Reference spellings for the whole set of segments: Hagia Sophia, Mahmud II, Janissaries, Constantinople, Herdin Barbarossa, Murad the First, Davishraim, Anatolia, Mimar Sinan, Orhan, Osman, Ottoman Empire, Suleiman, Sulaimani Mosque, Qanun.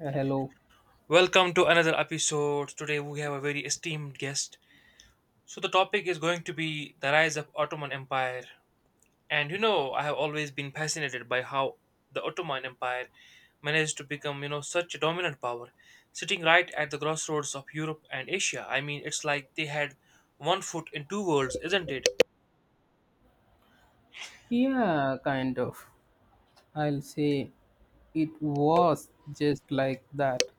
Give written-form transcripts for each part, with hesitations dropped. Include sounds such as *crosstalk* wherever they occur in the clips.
Hello. Welcome to another episode. Today we have a very esteemed guest. So the topic is going to be the rise of Ottoman Empire. And I have always been fascinated by how the Ottoman Empire managed to become, such a dominant power, sitting right at the crossroads of Europe and Asia. I mean, it's like they had one foot in two worlds, isn't it? Yeah, kind of. I'll say it was just like that. *laughs*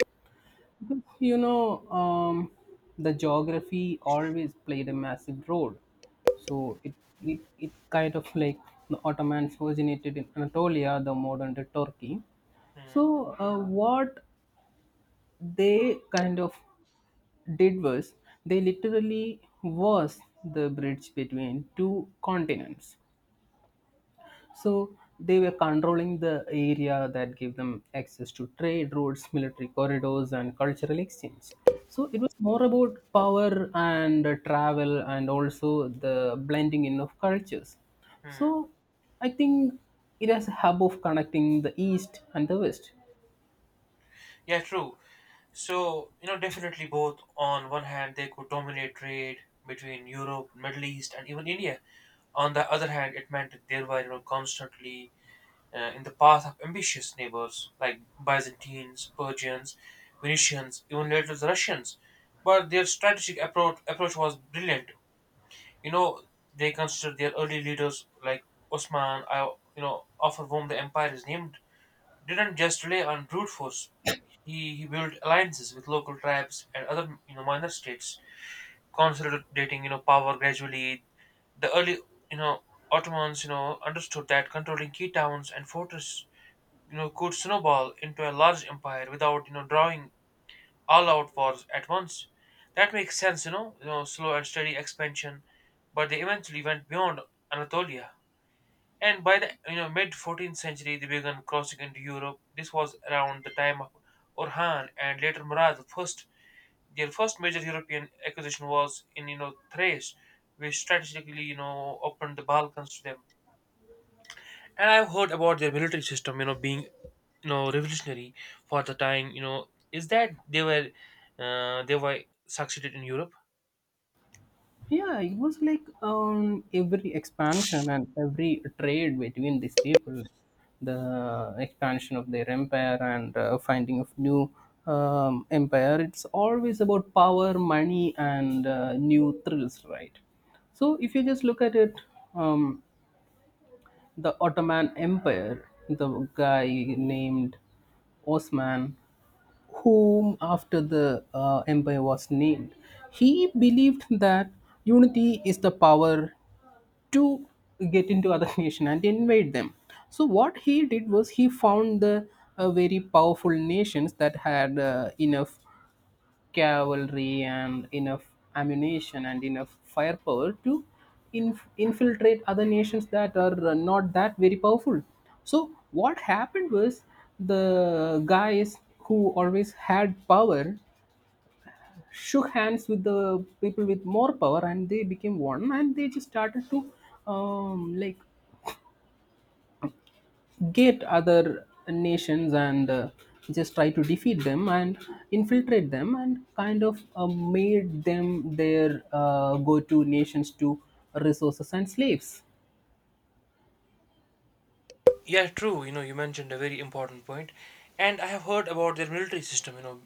Because the geography always played a massive role. So it kind of like the Ottomans originated in Anatolia, the modern day Turkey. Hmm, So what they kind of did was they literally was the bridge between two continents. So they were controlling the area that gave them access to trade routes, military corridors, and cultural exchange. So it was more about power and travel and also the blending in of cultures. hmm. So I think it has a hub of connecting the East and the West. Yeah, true. So, definitely both. On one hand, they could dominate trade between Europe, Middle East, and even India. On the other hand, it meant that they were constantly in the path of ambitious neighbors like Byzantines, Persians, Venetians, even later the Russians. But their strategic approach was brilliant. You know, they considered their early leaders like Osman, I, after whom the empire is named, didn't just rely on brute force. He built alliances with local tribes and other minor states, consolidating power gradually. The early you know Ottomans understood that controlling key towns and fortresses could snowball into a large empire without drawing all out wars at once. That makes sense, slow and steady expansion, but they eventually went beyond Anatolia. And by the mid 14th century, they began crossing into Europe. This was around the time of Orhan and later Murad the First. Their first major European acquisition was in Thrace, which strategically opened the Balkans to them. And I've heard about their military system, being revolutionary for the time. Is that they were succeeded in Europe? Yeah, it was like every expansion and every trade between these people, the expansion of their empire and finding of new empire. It's always about power, money, and new thrills, right? So if you just look at it, um, the Ottoman Empire, the guy named Osman, whom after the empire was named, he believed that unity is the power to get into other *laughs* nation and invade them. So what he did was he found the very powerful nations that had enough cavalry and enough ammunition and enough firepower to infiltrate other nations that are not that very powerful. So, what happened was the guys who always had power shook hands with the people with more power and they became one and they just started to um, like get other nations and just try to defeat them and infiltrate them and kind of made them their go-to nations to resources and slaves. Yeah, true. You mentioned a very important point, and I have heard about their military system. You know,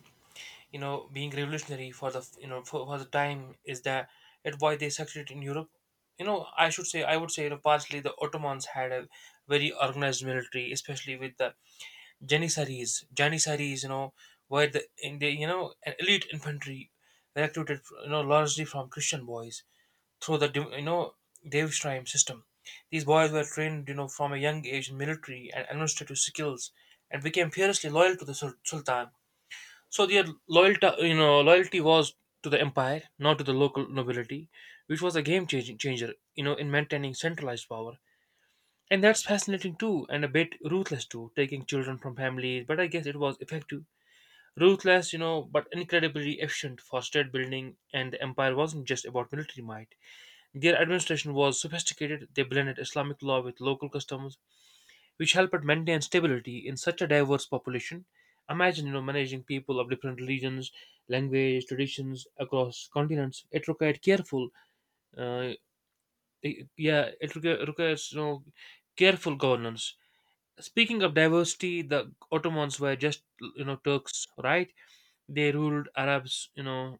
you know Being revolutionary for the you know for the time is that at why they succeeded in europe I should say I would say partially the ottomans had a very organized military especially with the janissaries were the in the an elite infantry recruited largely from christian boys through the Davishraim system these boys were trained from a young age in military and administrative skills and became fiercely loyal to the sultan so their loyalty was to the empire, not to the local nobility, which was a game changing changer, in maintaining centralized power. And that's fascinating too, and a bit ruthless too, taking children from families. But I guess it was effective, ruthless, but incredibly efficient for state building. And the empire wasn't just about military might. Their administration was sophisticated. They blended Islamic law with local customs, which help it maintain stability in such a diverse population. Imagine, managing people of different religions, language, traditions across continents. It required careful, uh, yeah, it requires careful governance. Speaking of diversity, the Ottomans were just Turks, right? They ruled Arabs,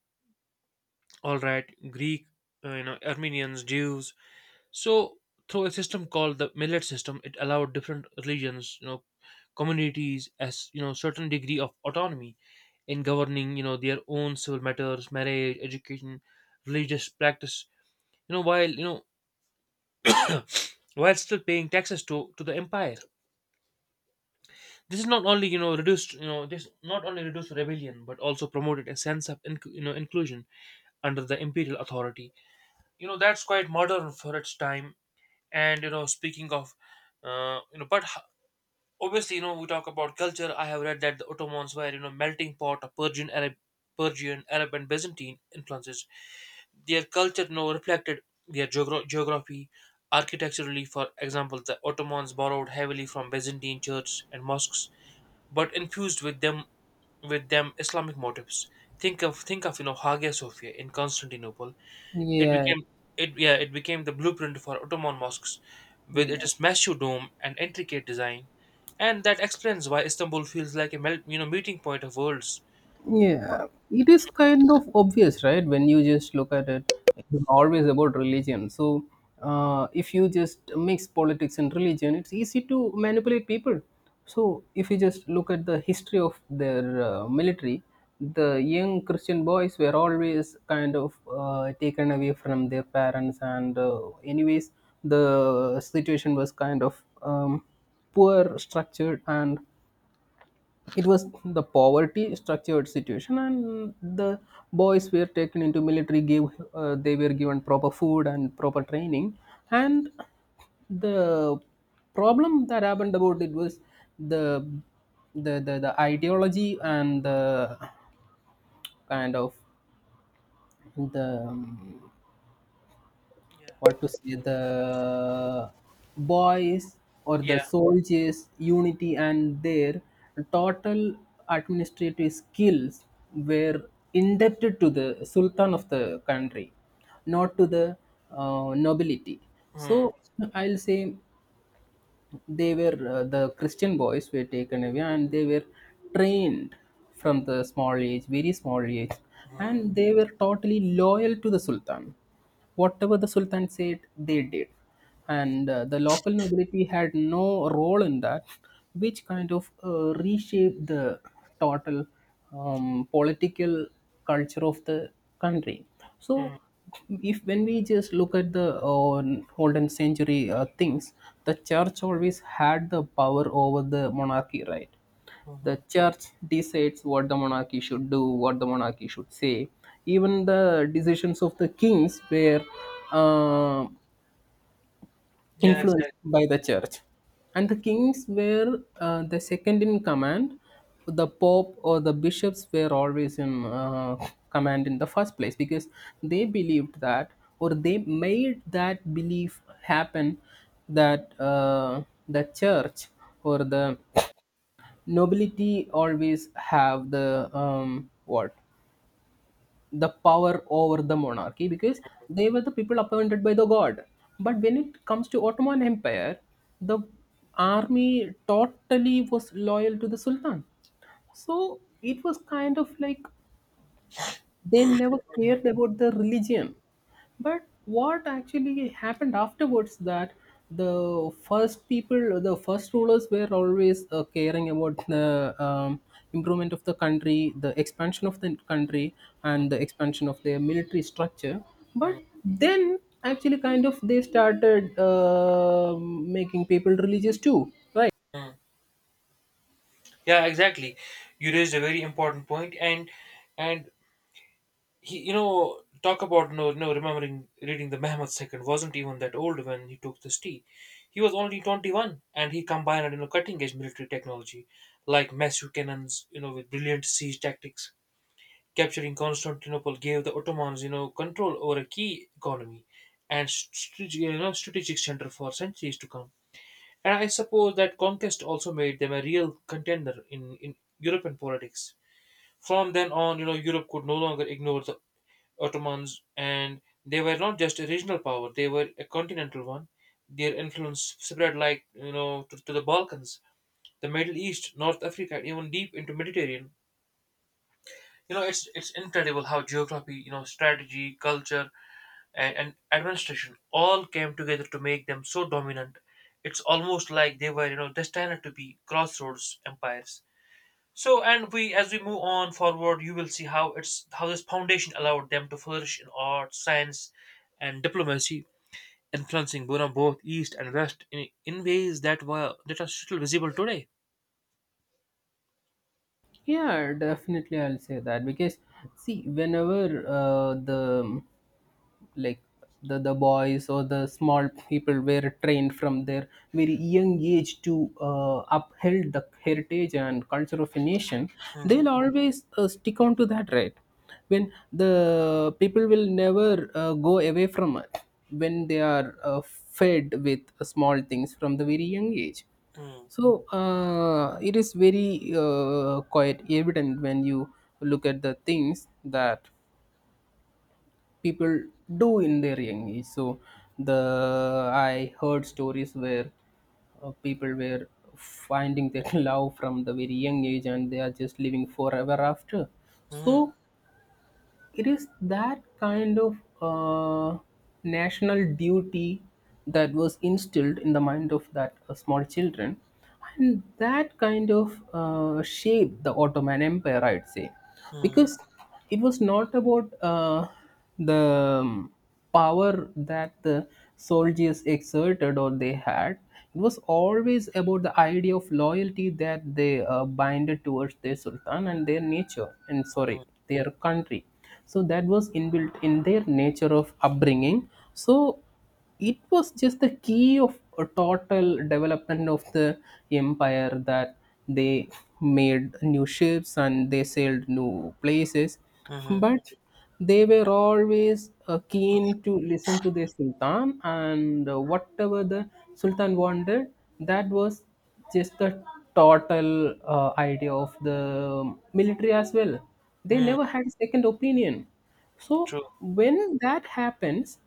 all right, Greek, Armenians, Jews, so through a system called the millet system, it allowed different religions, communities as certain degree of autonomy in governing their own civil matters, marriage, education, religious practice. You know while you know while still paying taxes to the empire. This is not only reduced, this not only reduced rebellion but also promoted a sense of inclusion under the imperial authority. That's quite modern for its time. And you know speaking of But obviously, we talk about culture. I have read that the Ottomans were, melting pot of Persian, Arab, and Byzantine influences. Their culture, reflected their geography. Architecturally, for example, the Ottomans borrowed heavily from Byzantine churches and mosques, but infused with them Islamic motifs. Think of Hagia Sophia in Constantinople, it Yeah. became it became the blueprint for Ottoman mosques, with Yeah. its massive dome and intricate design, and that explains why Istanbul feels like a meeting point of worlds. Yeah, it is kind of obvious, right? When you just look at it, it's always about religion. So, if you just mix politics and religion, it's easy to manipulate people. So, if you just look at the history of their military, the young Christian boys were always kind of taken away from their parents, and anyways, the situation was kind of poor structured and it was the poverty structured situation and the boys were taken into military gave they were given proper food and proper training and the problem that happened about it was the the ideology and the kind of the Yeah. what to say the boys or the Yeah. soldiers unity and their total administrative skills were indebted to the sultan of the country, not to the nobility. So Hmm. I'll say they were the Christian boys were taken away and they were trained from the small age very small age Hmm. and they were totally loyal to the sultan. Whatever the sultan said they did, and the local nobility had no role in that, which kind of reshaped the total political culture of the country. So, Mm, if when we just look at the golden century things, the church always had the power over the monarchy, right? The mhm. church decides what the monarchy should do, what the monarchy should say. Even the decisions of the kings were uh, Yeah, influenced exactly. by the church. And the kings were the second in command. The pope or the bishops were always in command in the first place because they believed that, or they made that belief happen that the church or the nobility always have the what the power over the monarchy because they were the people appointed by the God. But when it comes to Ottoman Empire, the army totally was loyal to the sultan. So it was kind of like they never Hmm. cared about the religion. But what actually happened afterwards that the first people, the first rulers, were always caring about the improvement of the country, the expansion of the country, Hmm. and the expansion of their military structure. But Hmm. then actually kind of they started making people religious too, right? Hmm. Yeah, exactly. You raised a very important point, and he you know talk about no no remembering reading the Mahmud second wasn't even that old when he took this tea. He was only 21 and he combined cutting edge military technology like massive cannons, with brilliant siege tactics. Capturing Constantinople gave the Ottomans, control over a key economy and strategic center for centuries to come. And I suppose that conquest also made them a real contender in European politics. From then on, Europe could no longer ignore the Ottomans, and they were not just a regional power; they were a continental one. Their influence spread like to the Balkans, the Middle East, North Africa, and even deep into Mediterranean. It's incredible how geography, strategy, culture, and administration all came together to make them so dominant. It's almost like they were, destined to be crossroads empires. So, and we, as we move on forward, you will see how it's how this foundation allowed them to flourish in art, science, and diplomacy, influencing Burma both east and west in ways that are still visible today. Yeah, definitely, I'll say that. Because see, whenever like the boys or the small people were trained from their very young age to uphold the heritage and culture of a nation, Hmm, they'll always stick on to that, right? When the people will never go away from it, when they are fed with small things from the very young age. hmm, So it is very quite evident when you look at the things that people do in their young age. So the I heard stories where people were finding their *laughs* love from the very young age and they are just living forever after. hmm, So it is that kind of national duty that was instilled in the mind of that small children, and that kind of shaped the Ottoman Empire, I'd say. hmm, Because it was not about the power that the soldiers exerted or they had. It was always about the idea of loyalty that they binded towards their sultan and their nature, and hmm, sorry, their country. So that was inbuilt in their nature of upbringing. So it was just the key of a total development of the empire that they made new ships and they sailed new places. hmm, But they were always keen to listen to their sultan, and whatever the sultan wanted, that was just the total idea of the military as well. They hmm. never had a second opinion. So True. when that happens,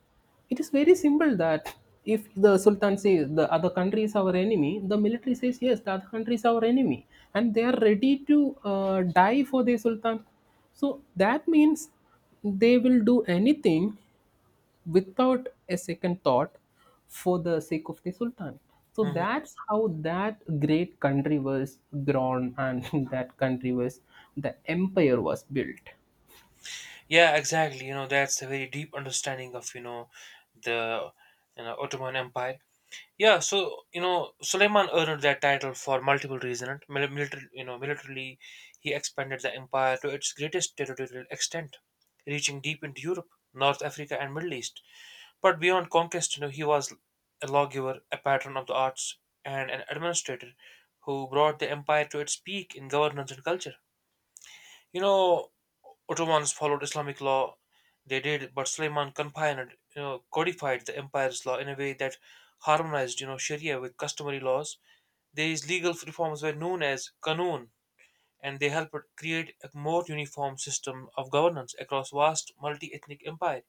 it is very simple that if the Sultan says the other country is our enemy, the military says yes, the other country is our enemy, and they are ready to die for their Sultan. So that means they will do anything without a second thought for the sake of the Sultan. So Hmm. that's how that great country was grown and *laughs* that country was, the empire was built. Yeah, exactly. That's a very deep understanding of the Ottoman Empire. Yeah, so Suleiman earned that title for multiple reasons. Military, militarily, he expanded the empire to its greatest territorial extent, reaching deep into Europe, North Africa, and Middle East. But beyond conquest, he was a lawgiver, a patron of the arts, and an administrator who brought the empire to its peak in governance and culture. You know, Ottomans followed Islamic law, they did, but Suleiman codified the empire's law in a way that harmonized, Sharia with customary laws. These legal reforms were known as Qanun, and they helped create a more uniform system of governance across vast multi-ethnic empire.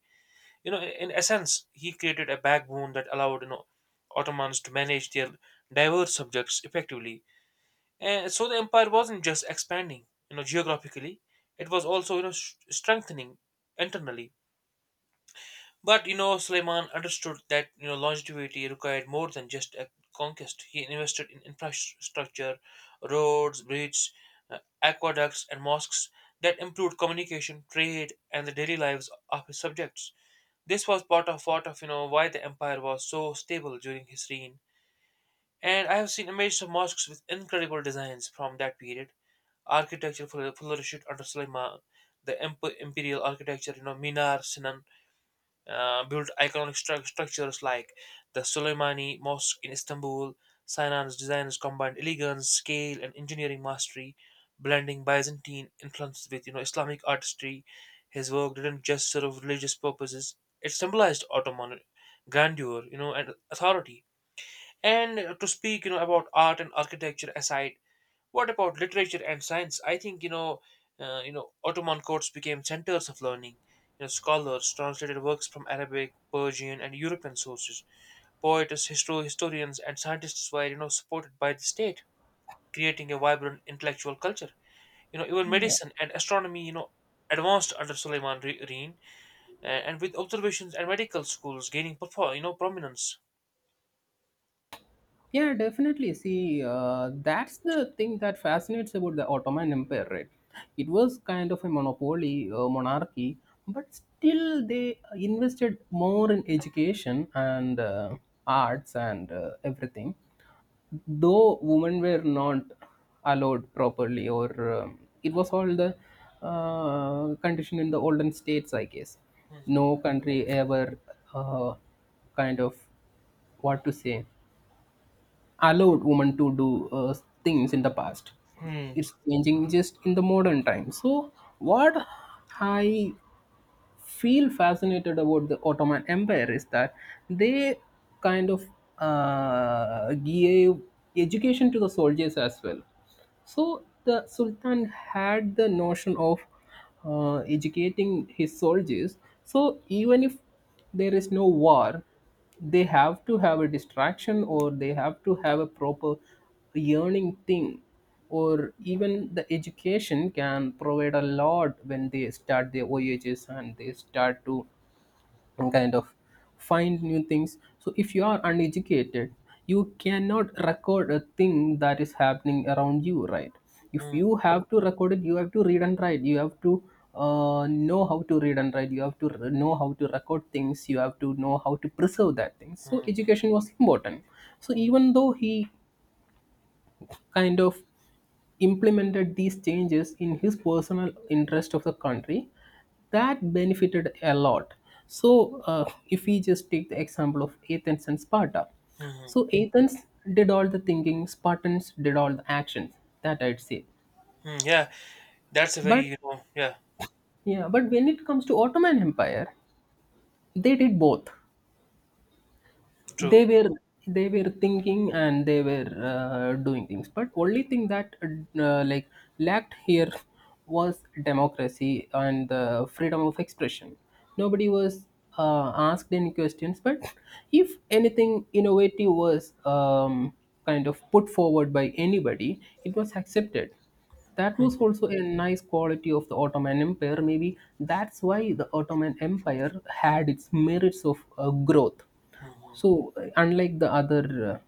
In essence, he created a backbone that allowed, Ottomans to manage their diverse subjects effectively and so the empire wasn't just expanding, geographically; it was also, strengthening internally. But Suleiman understood that longevity required more than just a conquest. He invested in infrastructure, roads, bridges, aqueducts, and mosques that improved communication, trade, and the daily lives of his subjects. This was part of why the empire was so stable during his reign. And I have seen images of mosques with incredible designs from that period. Architecture flourished under Sulaiman. The imperial architecture, Minar Sinan built iconic structures like the Sulaimani Mosque in Istanbul. Sinan's designers combined elegance, scale, and engineering mastery, blending Byzantine influences with Islamic artistry. His work didn't just serve religious purposes; it symbolized Ottoman grandeur, and authority and to speak, about art and architecture aside, what about literature and science? I think Ottoman courts became centers of learning. Scholars translated works from Arabic, Persian, and European sources. Poets, historians, and scientists were supported by the state, creating a vibrant intellectual culture. Even medicine and astronomy, advanced under Suleiman Reen, and with observations and medical schools gaining, prominence. Yeah, definitely. See, that's the thing that fascinates about the Ottoman Empire, right? It was kind of a monopoly, monarchy, but still they invested more in education and arts and everything. Though women were not allowed properly, or it was all the condition in the olden states, I guess. Mhm. No country ever uh, kind of what to say allowed women to do things in the past. Hmm. It's changing just in the modern time. So, what I feel fascinated about the Ottoman Empire is that they kind of gave education to the soldiers as well. So the Sultan had the notion of educating his soldiers. So even if there is no war, they have to have a distraction or they have to have a proper yearning thing. Or even the education can provide a lot when they start their voyages and they start to and kind of find new things. So if you are uneducated, you cannot record a thing that is happening around you, right? If you Mhm. have to record it, you have to read and write, you have to know how to read and write, you have to know how to record things, you have to know how to preserve that thing. So education was important. So even though he kind of implemented these changes in his personal interest of the country, that benefited a lot. So if we just take the example of Athens and Sparta, Mhm. so Athens did all the thinking, Spartans did all the actions, that I'd say. Mm, yeah, that's a very But yeah, but when it comes to Ottoman Empire, they did both. they true. were they were thinking and they were doing things. But only thing that uh, like lacked here was democracy and the freedom of expression. Nobody was asked any questions, but if anything innovative was kind of put forward by anybody, it was accepted. That was also a nice quality of the Ottoman Empire. Maybe that's why the Ottoman Empire had its merits of growth. Hmm. So, unlike the other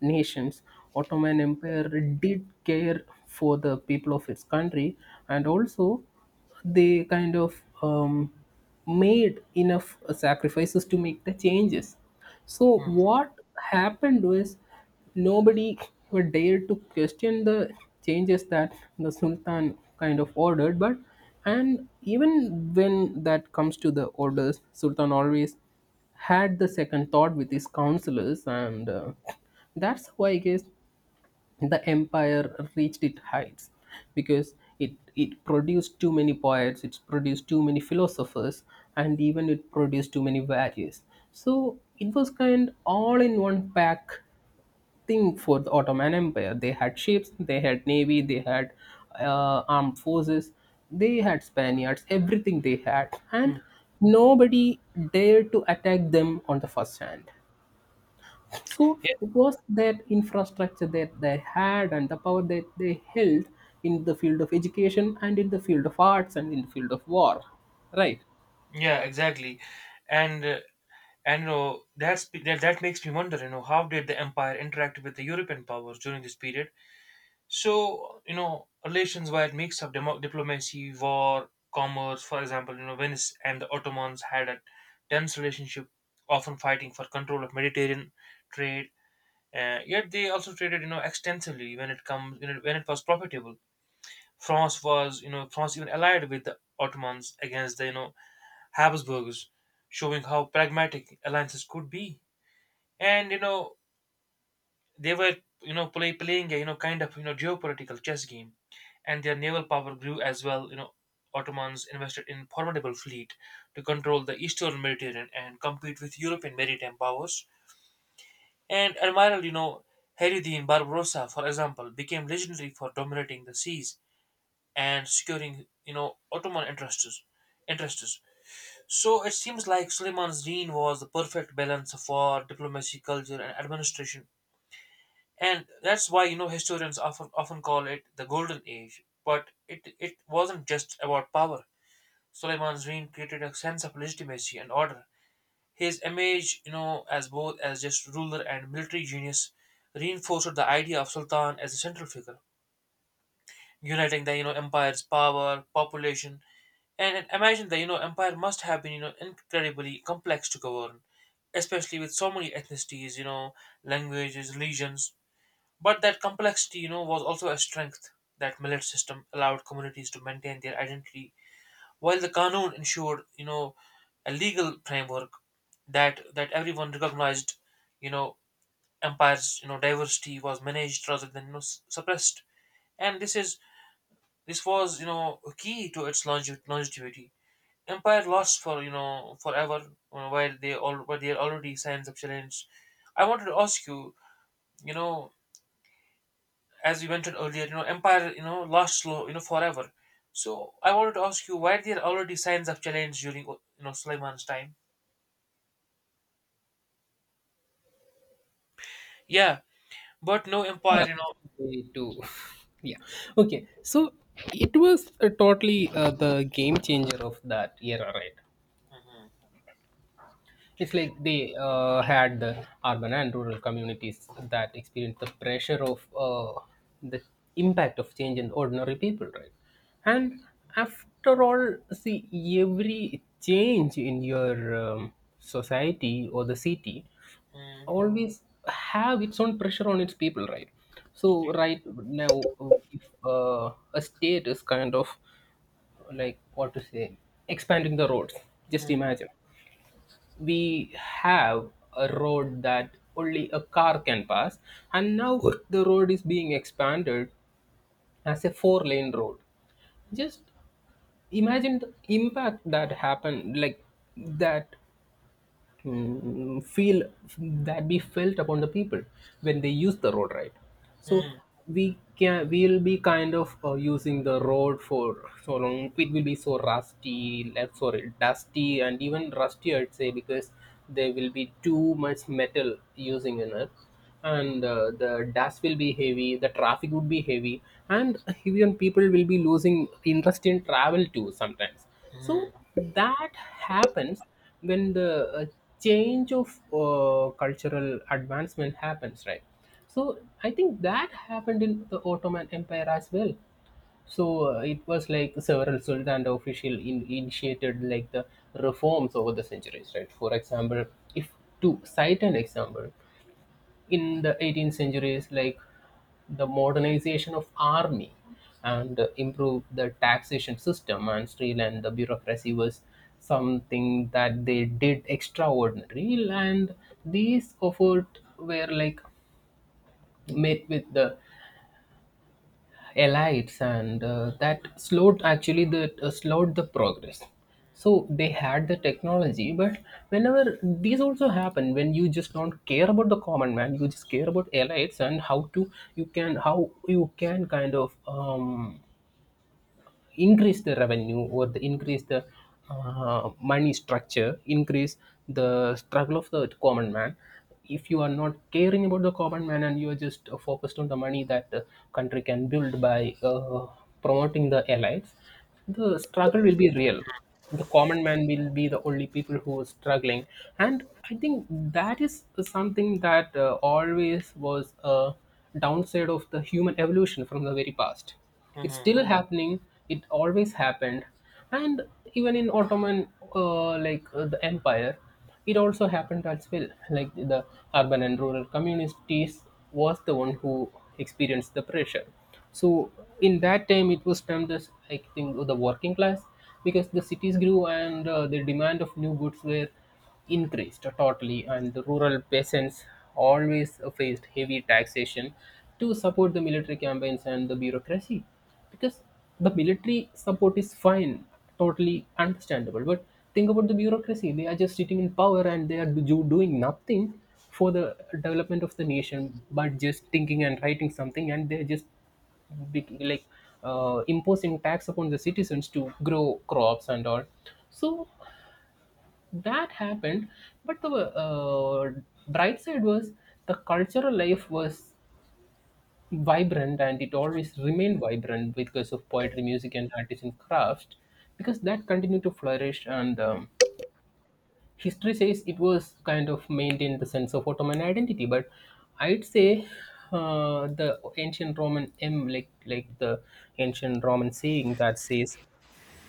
nations, Ottoman Empire did care for the people of its country, and also they kind of made enough sacrifices to make the changes. So, Hmm. what happened was nobody would dare to question the changes that the Sultan kind of ordered, but and even when that comes to the orders, Sultan always had the second thought with his counselors, and that's why I guess the empire reached its heights because it produced too many poets, it produced too many philosophers, and even it produced too many values. So it was kind all in one pack thing for the Ottoman Empire. They had ships, they had navy, they had armed forces, they had Spaniards, everything they had, Mm. and nobody dared to attack them on the first hand. So Yeah, it was that infrastructure that they had and the power that they held in the field of education and in the field of arts and in the field of war, right? yeah, exactly, and uh, and that makes me wonder how did the empire interact with the European powers during this period? So relations were a mix of diplomacy, war, commerce. For example, Venice and the Ottomans had a tense relationship, often fighting for control of Mediterranean trade. Yet they also traded extensively when it comes when it was profitable. France was, you know, France even allied with the Ottomans against the, Habsburgs, showing how pragmatic alliances could be. And they were, playing a, geopolitical chess game, and their naval power grew as well. Ottomans invested in formidable fleet to control the eastern Mediterranean and compete with European maritime powers. And Admiral, Heridin Barbarossa, for example, became legendary for dominating the seas and securing, Ottoman interests. So it seems like Suleiman's reign was the perfect balance of war, diplomacy, culture, and administration. And that's why, historians often call it the Golden Age. But it wasn't just about power. Suleiman's reign created a sense of legitimacy and order. His image, as both as just ruler and military genius, reinforced the idea of Sultan as a central figure, uniting the empire's power, population, and imagine the empire must have been incredibly complex to govern, especially with so many ethnicities, languages, religions. But that complexity, was also a strength. That millet system allowed communities to maintain their identity, while the Qanun ensured, a legal framework that everyone recognized. You know, empire's diversity was managed rather than suppressed, and this was key to its longevity. Empire lost for forever, while they all were there already signs of challenge. I wanted to ask you, you know, as we mentioned earlier, Empire, lost slow, forever. So I wanted to ask you, why there already signs of challenge during Sulaiman's time? Yeah, but no Empire, Yeah, you know. me too. *laughs* Yeah. Okay. So it was totally the game changer of that era, right? Mhm, It's like they had the urban and rural communities that experienced the pressure of the impact of change in ordinary people, right? And after all, see, every change in your society or the city mhm, always have its own pressure on its people, right? So right now, if a state is kind of, like, what to say, expanding the roads. Just mhm, imagine we have a road that only a car can pass, and now the road is being expanded as a four-lane road. Just imagine the impact that happened, like that feel, that be felt upon the people when they use the road, right? So mhm, we'll be kind of using the road for so long, it will be so rusty, left, sorry, dusty and even rusty, I'd say, because there will be too much metal using in it, and the dust will be heavy, the traffic would be heavy, and even people will be losing interest in travel too sometimes. mhm, So mhm, that happens when the uh, change of cultural advancement happens, right? So I think that happened in the Ottoman Empire as well. So it was like several sultan initiated like the reforms over the centuries, right? For example, if to cite an example, in the 18th century is like the modernization of army, and improve the taxation system and streamline the bureaucracy was something that they did extraordinary. And these efforts were like met with the elites and that slowed actually that slowed the progress. So they had the technology, but whenever these also happen, when you just don't care about the common man, you just care about elites and how to, you can how you can kind of increase the revenue, or the increase the money structure, increase the struggle of the common man. If you are not caring about the common man, and you are just focused on the money that the country can build by promoting the allies, the struggle will be real. The common man will be the only people who are struggling. And I think that is something that always was a downside of the human evolution from the very past. It's mhm, still happening, it always happened. And even in Ottoman, the empire, it also happened as well. Like the urban and rural communities was the one who experienced the pressure. So in that time it was termed as, I think, the working class, because the cities grew and the demand of new goods were increased totally, and the rural peasants always faced heavy taxation to support the military campaigns and the bureaucracy. Because the military support is fine, totally understandable, but think about the bureaucracy. They are just sitting in power and they are doing nothing for the development of the nation, but just thinking and writing something, and they're just big, like, imposing tax upon the citizens to grow crops and all. So that happened. But the bright side was the cultural life was vibrant, and it always remained vibrant because of poetry, music and artisan craft, because that continued to flourish. And history says it was kind of maintained the sense of Ottoman identity. But I'd say the ancient Roman saying that says,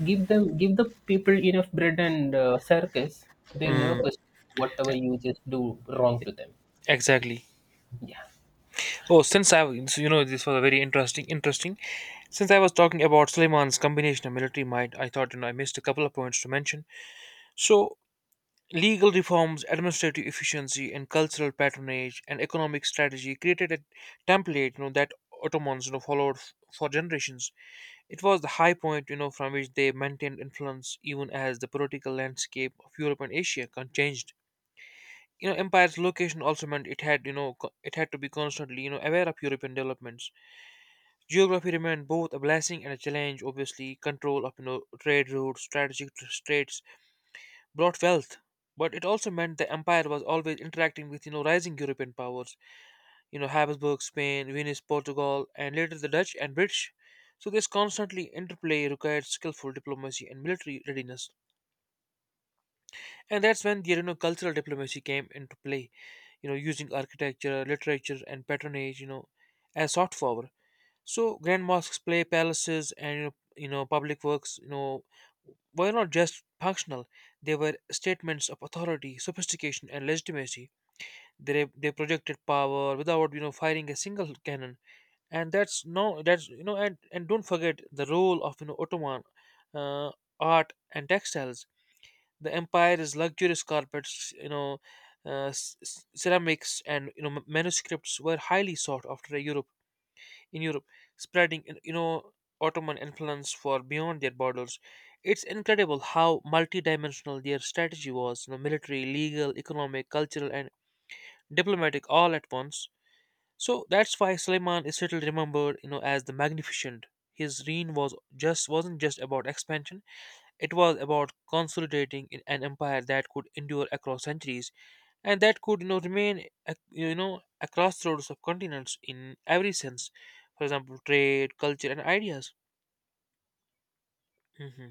give them, give the people enough bread and circus, they'll mhm. never Mm. question whatever you just do wrong to them. Exactly. Yeah. Oh, since I've this was a very interesting. Since I was talking about Suleiman's combination of military might, I thought I missed a couple of points to mention. So legal reforms, administrative efficiency, and cultural patronage and economic strategy created a template that Ottomans followed for generations. It was the high point from which they maintained influence even as the political landscape of Europe and Asia changed. Empire's location also meant it had, it had to be constantly, aware of European developments. Geography remained both a blessing and a challenge, obviously. Control of, trade routes, strategic straits brought wealth, but it also meant the empire was always interacting with, rising European powers, Habsburg, Spain, Venice, Portugal, and later the Dutch and British. So this constantly interplay required skillful diplomacy and military readiness. And that's when the, cultural diplomacy came into play, using architecture, literature, and patronage, as soft power. So grand mosques, play palaces, and public works, were not just functional; they were statements of authority, sophistication, and legitimacy. They projected power without firing a single cannon, and that's no that's and don't forget the role of Ottoman uh, art and textiles. The empire's luxurious carpets, you know. Ceramics and manuscripts were highly sought after in Europe, spreading Ottoman influence far beyond their borders. It's incredible how multidimensional their strategy was, military, legal, economic, cultural, and diplomatic all at once. So that's why Suleiman is still remembered, as the Magnificent. His reign was just wasn't just about expansion; it was about consolidating in an empire that could endure across centuries and that could remain a crossroads of continents in every sense, for example, trade, culture, and ideas. Hmm.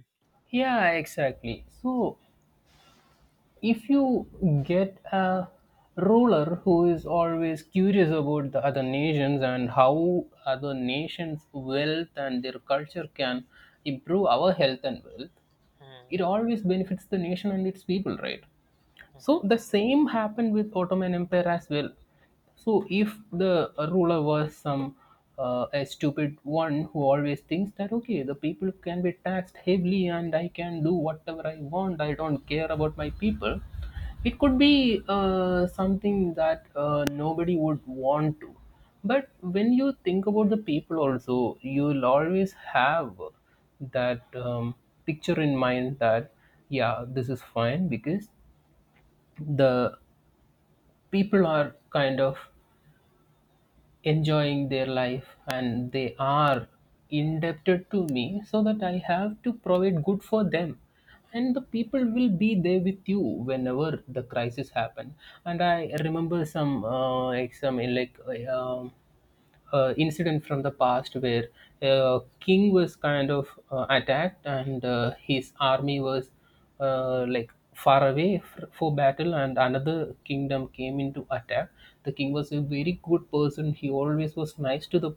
Yeah, exactly. So if you get a ruler who is always curious about the other nations and how other nations wealth and their culture can improve our health and wealth, it Hmm. always benefits the nation and its people, right? So the same happened with Ottoman Empire as well. So if the ruler was some a stupid one who always thinks that, okay, the people can be taxed heavily and I can do whatever I want, I don't care about my people, it could be something that nobody would want to. But when you think about the people also, you'll always have that picture in mind that, yeah, this is fine, because the people are kind of enjoying their life and they are indebted to me, so that I have to provide good for them. And the people will be there with you whenever the crisis happen. And I remember some incident from the past where king was kind of attacked, and his army was like far away for battle, and another kingdom came into attack. The king was a very good person, he always was nice to the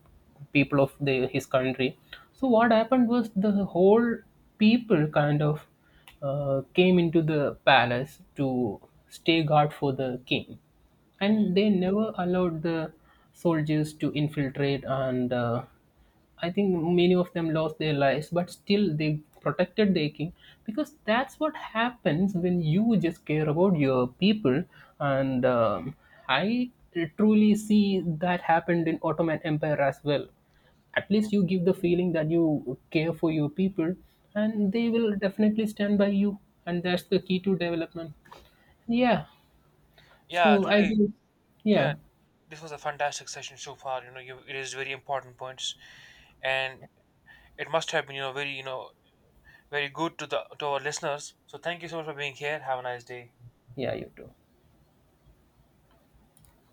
people of his country. So what happened was the whole people kind of came into the palace to stay guard for the king, Hmm. and they never allowed the soldiers to infiltrate. And I think many of them lost their lives, but still they protected their king, because that's what happens when you just care about your people. And I truly see that happened in Ottoman Empire as well. At least you give the feeling that you care for your people, and they will definitely stand by you, and that's the key to development. Yeah. Yeah. So I Today, do, yeah, yeah. this was a fantastic session so far. You raised very important points, and it must have been very very good to the to our listeners. So thank you so much for being here. Have a nice day. Yeah, you do.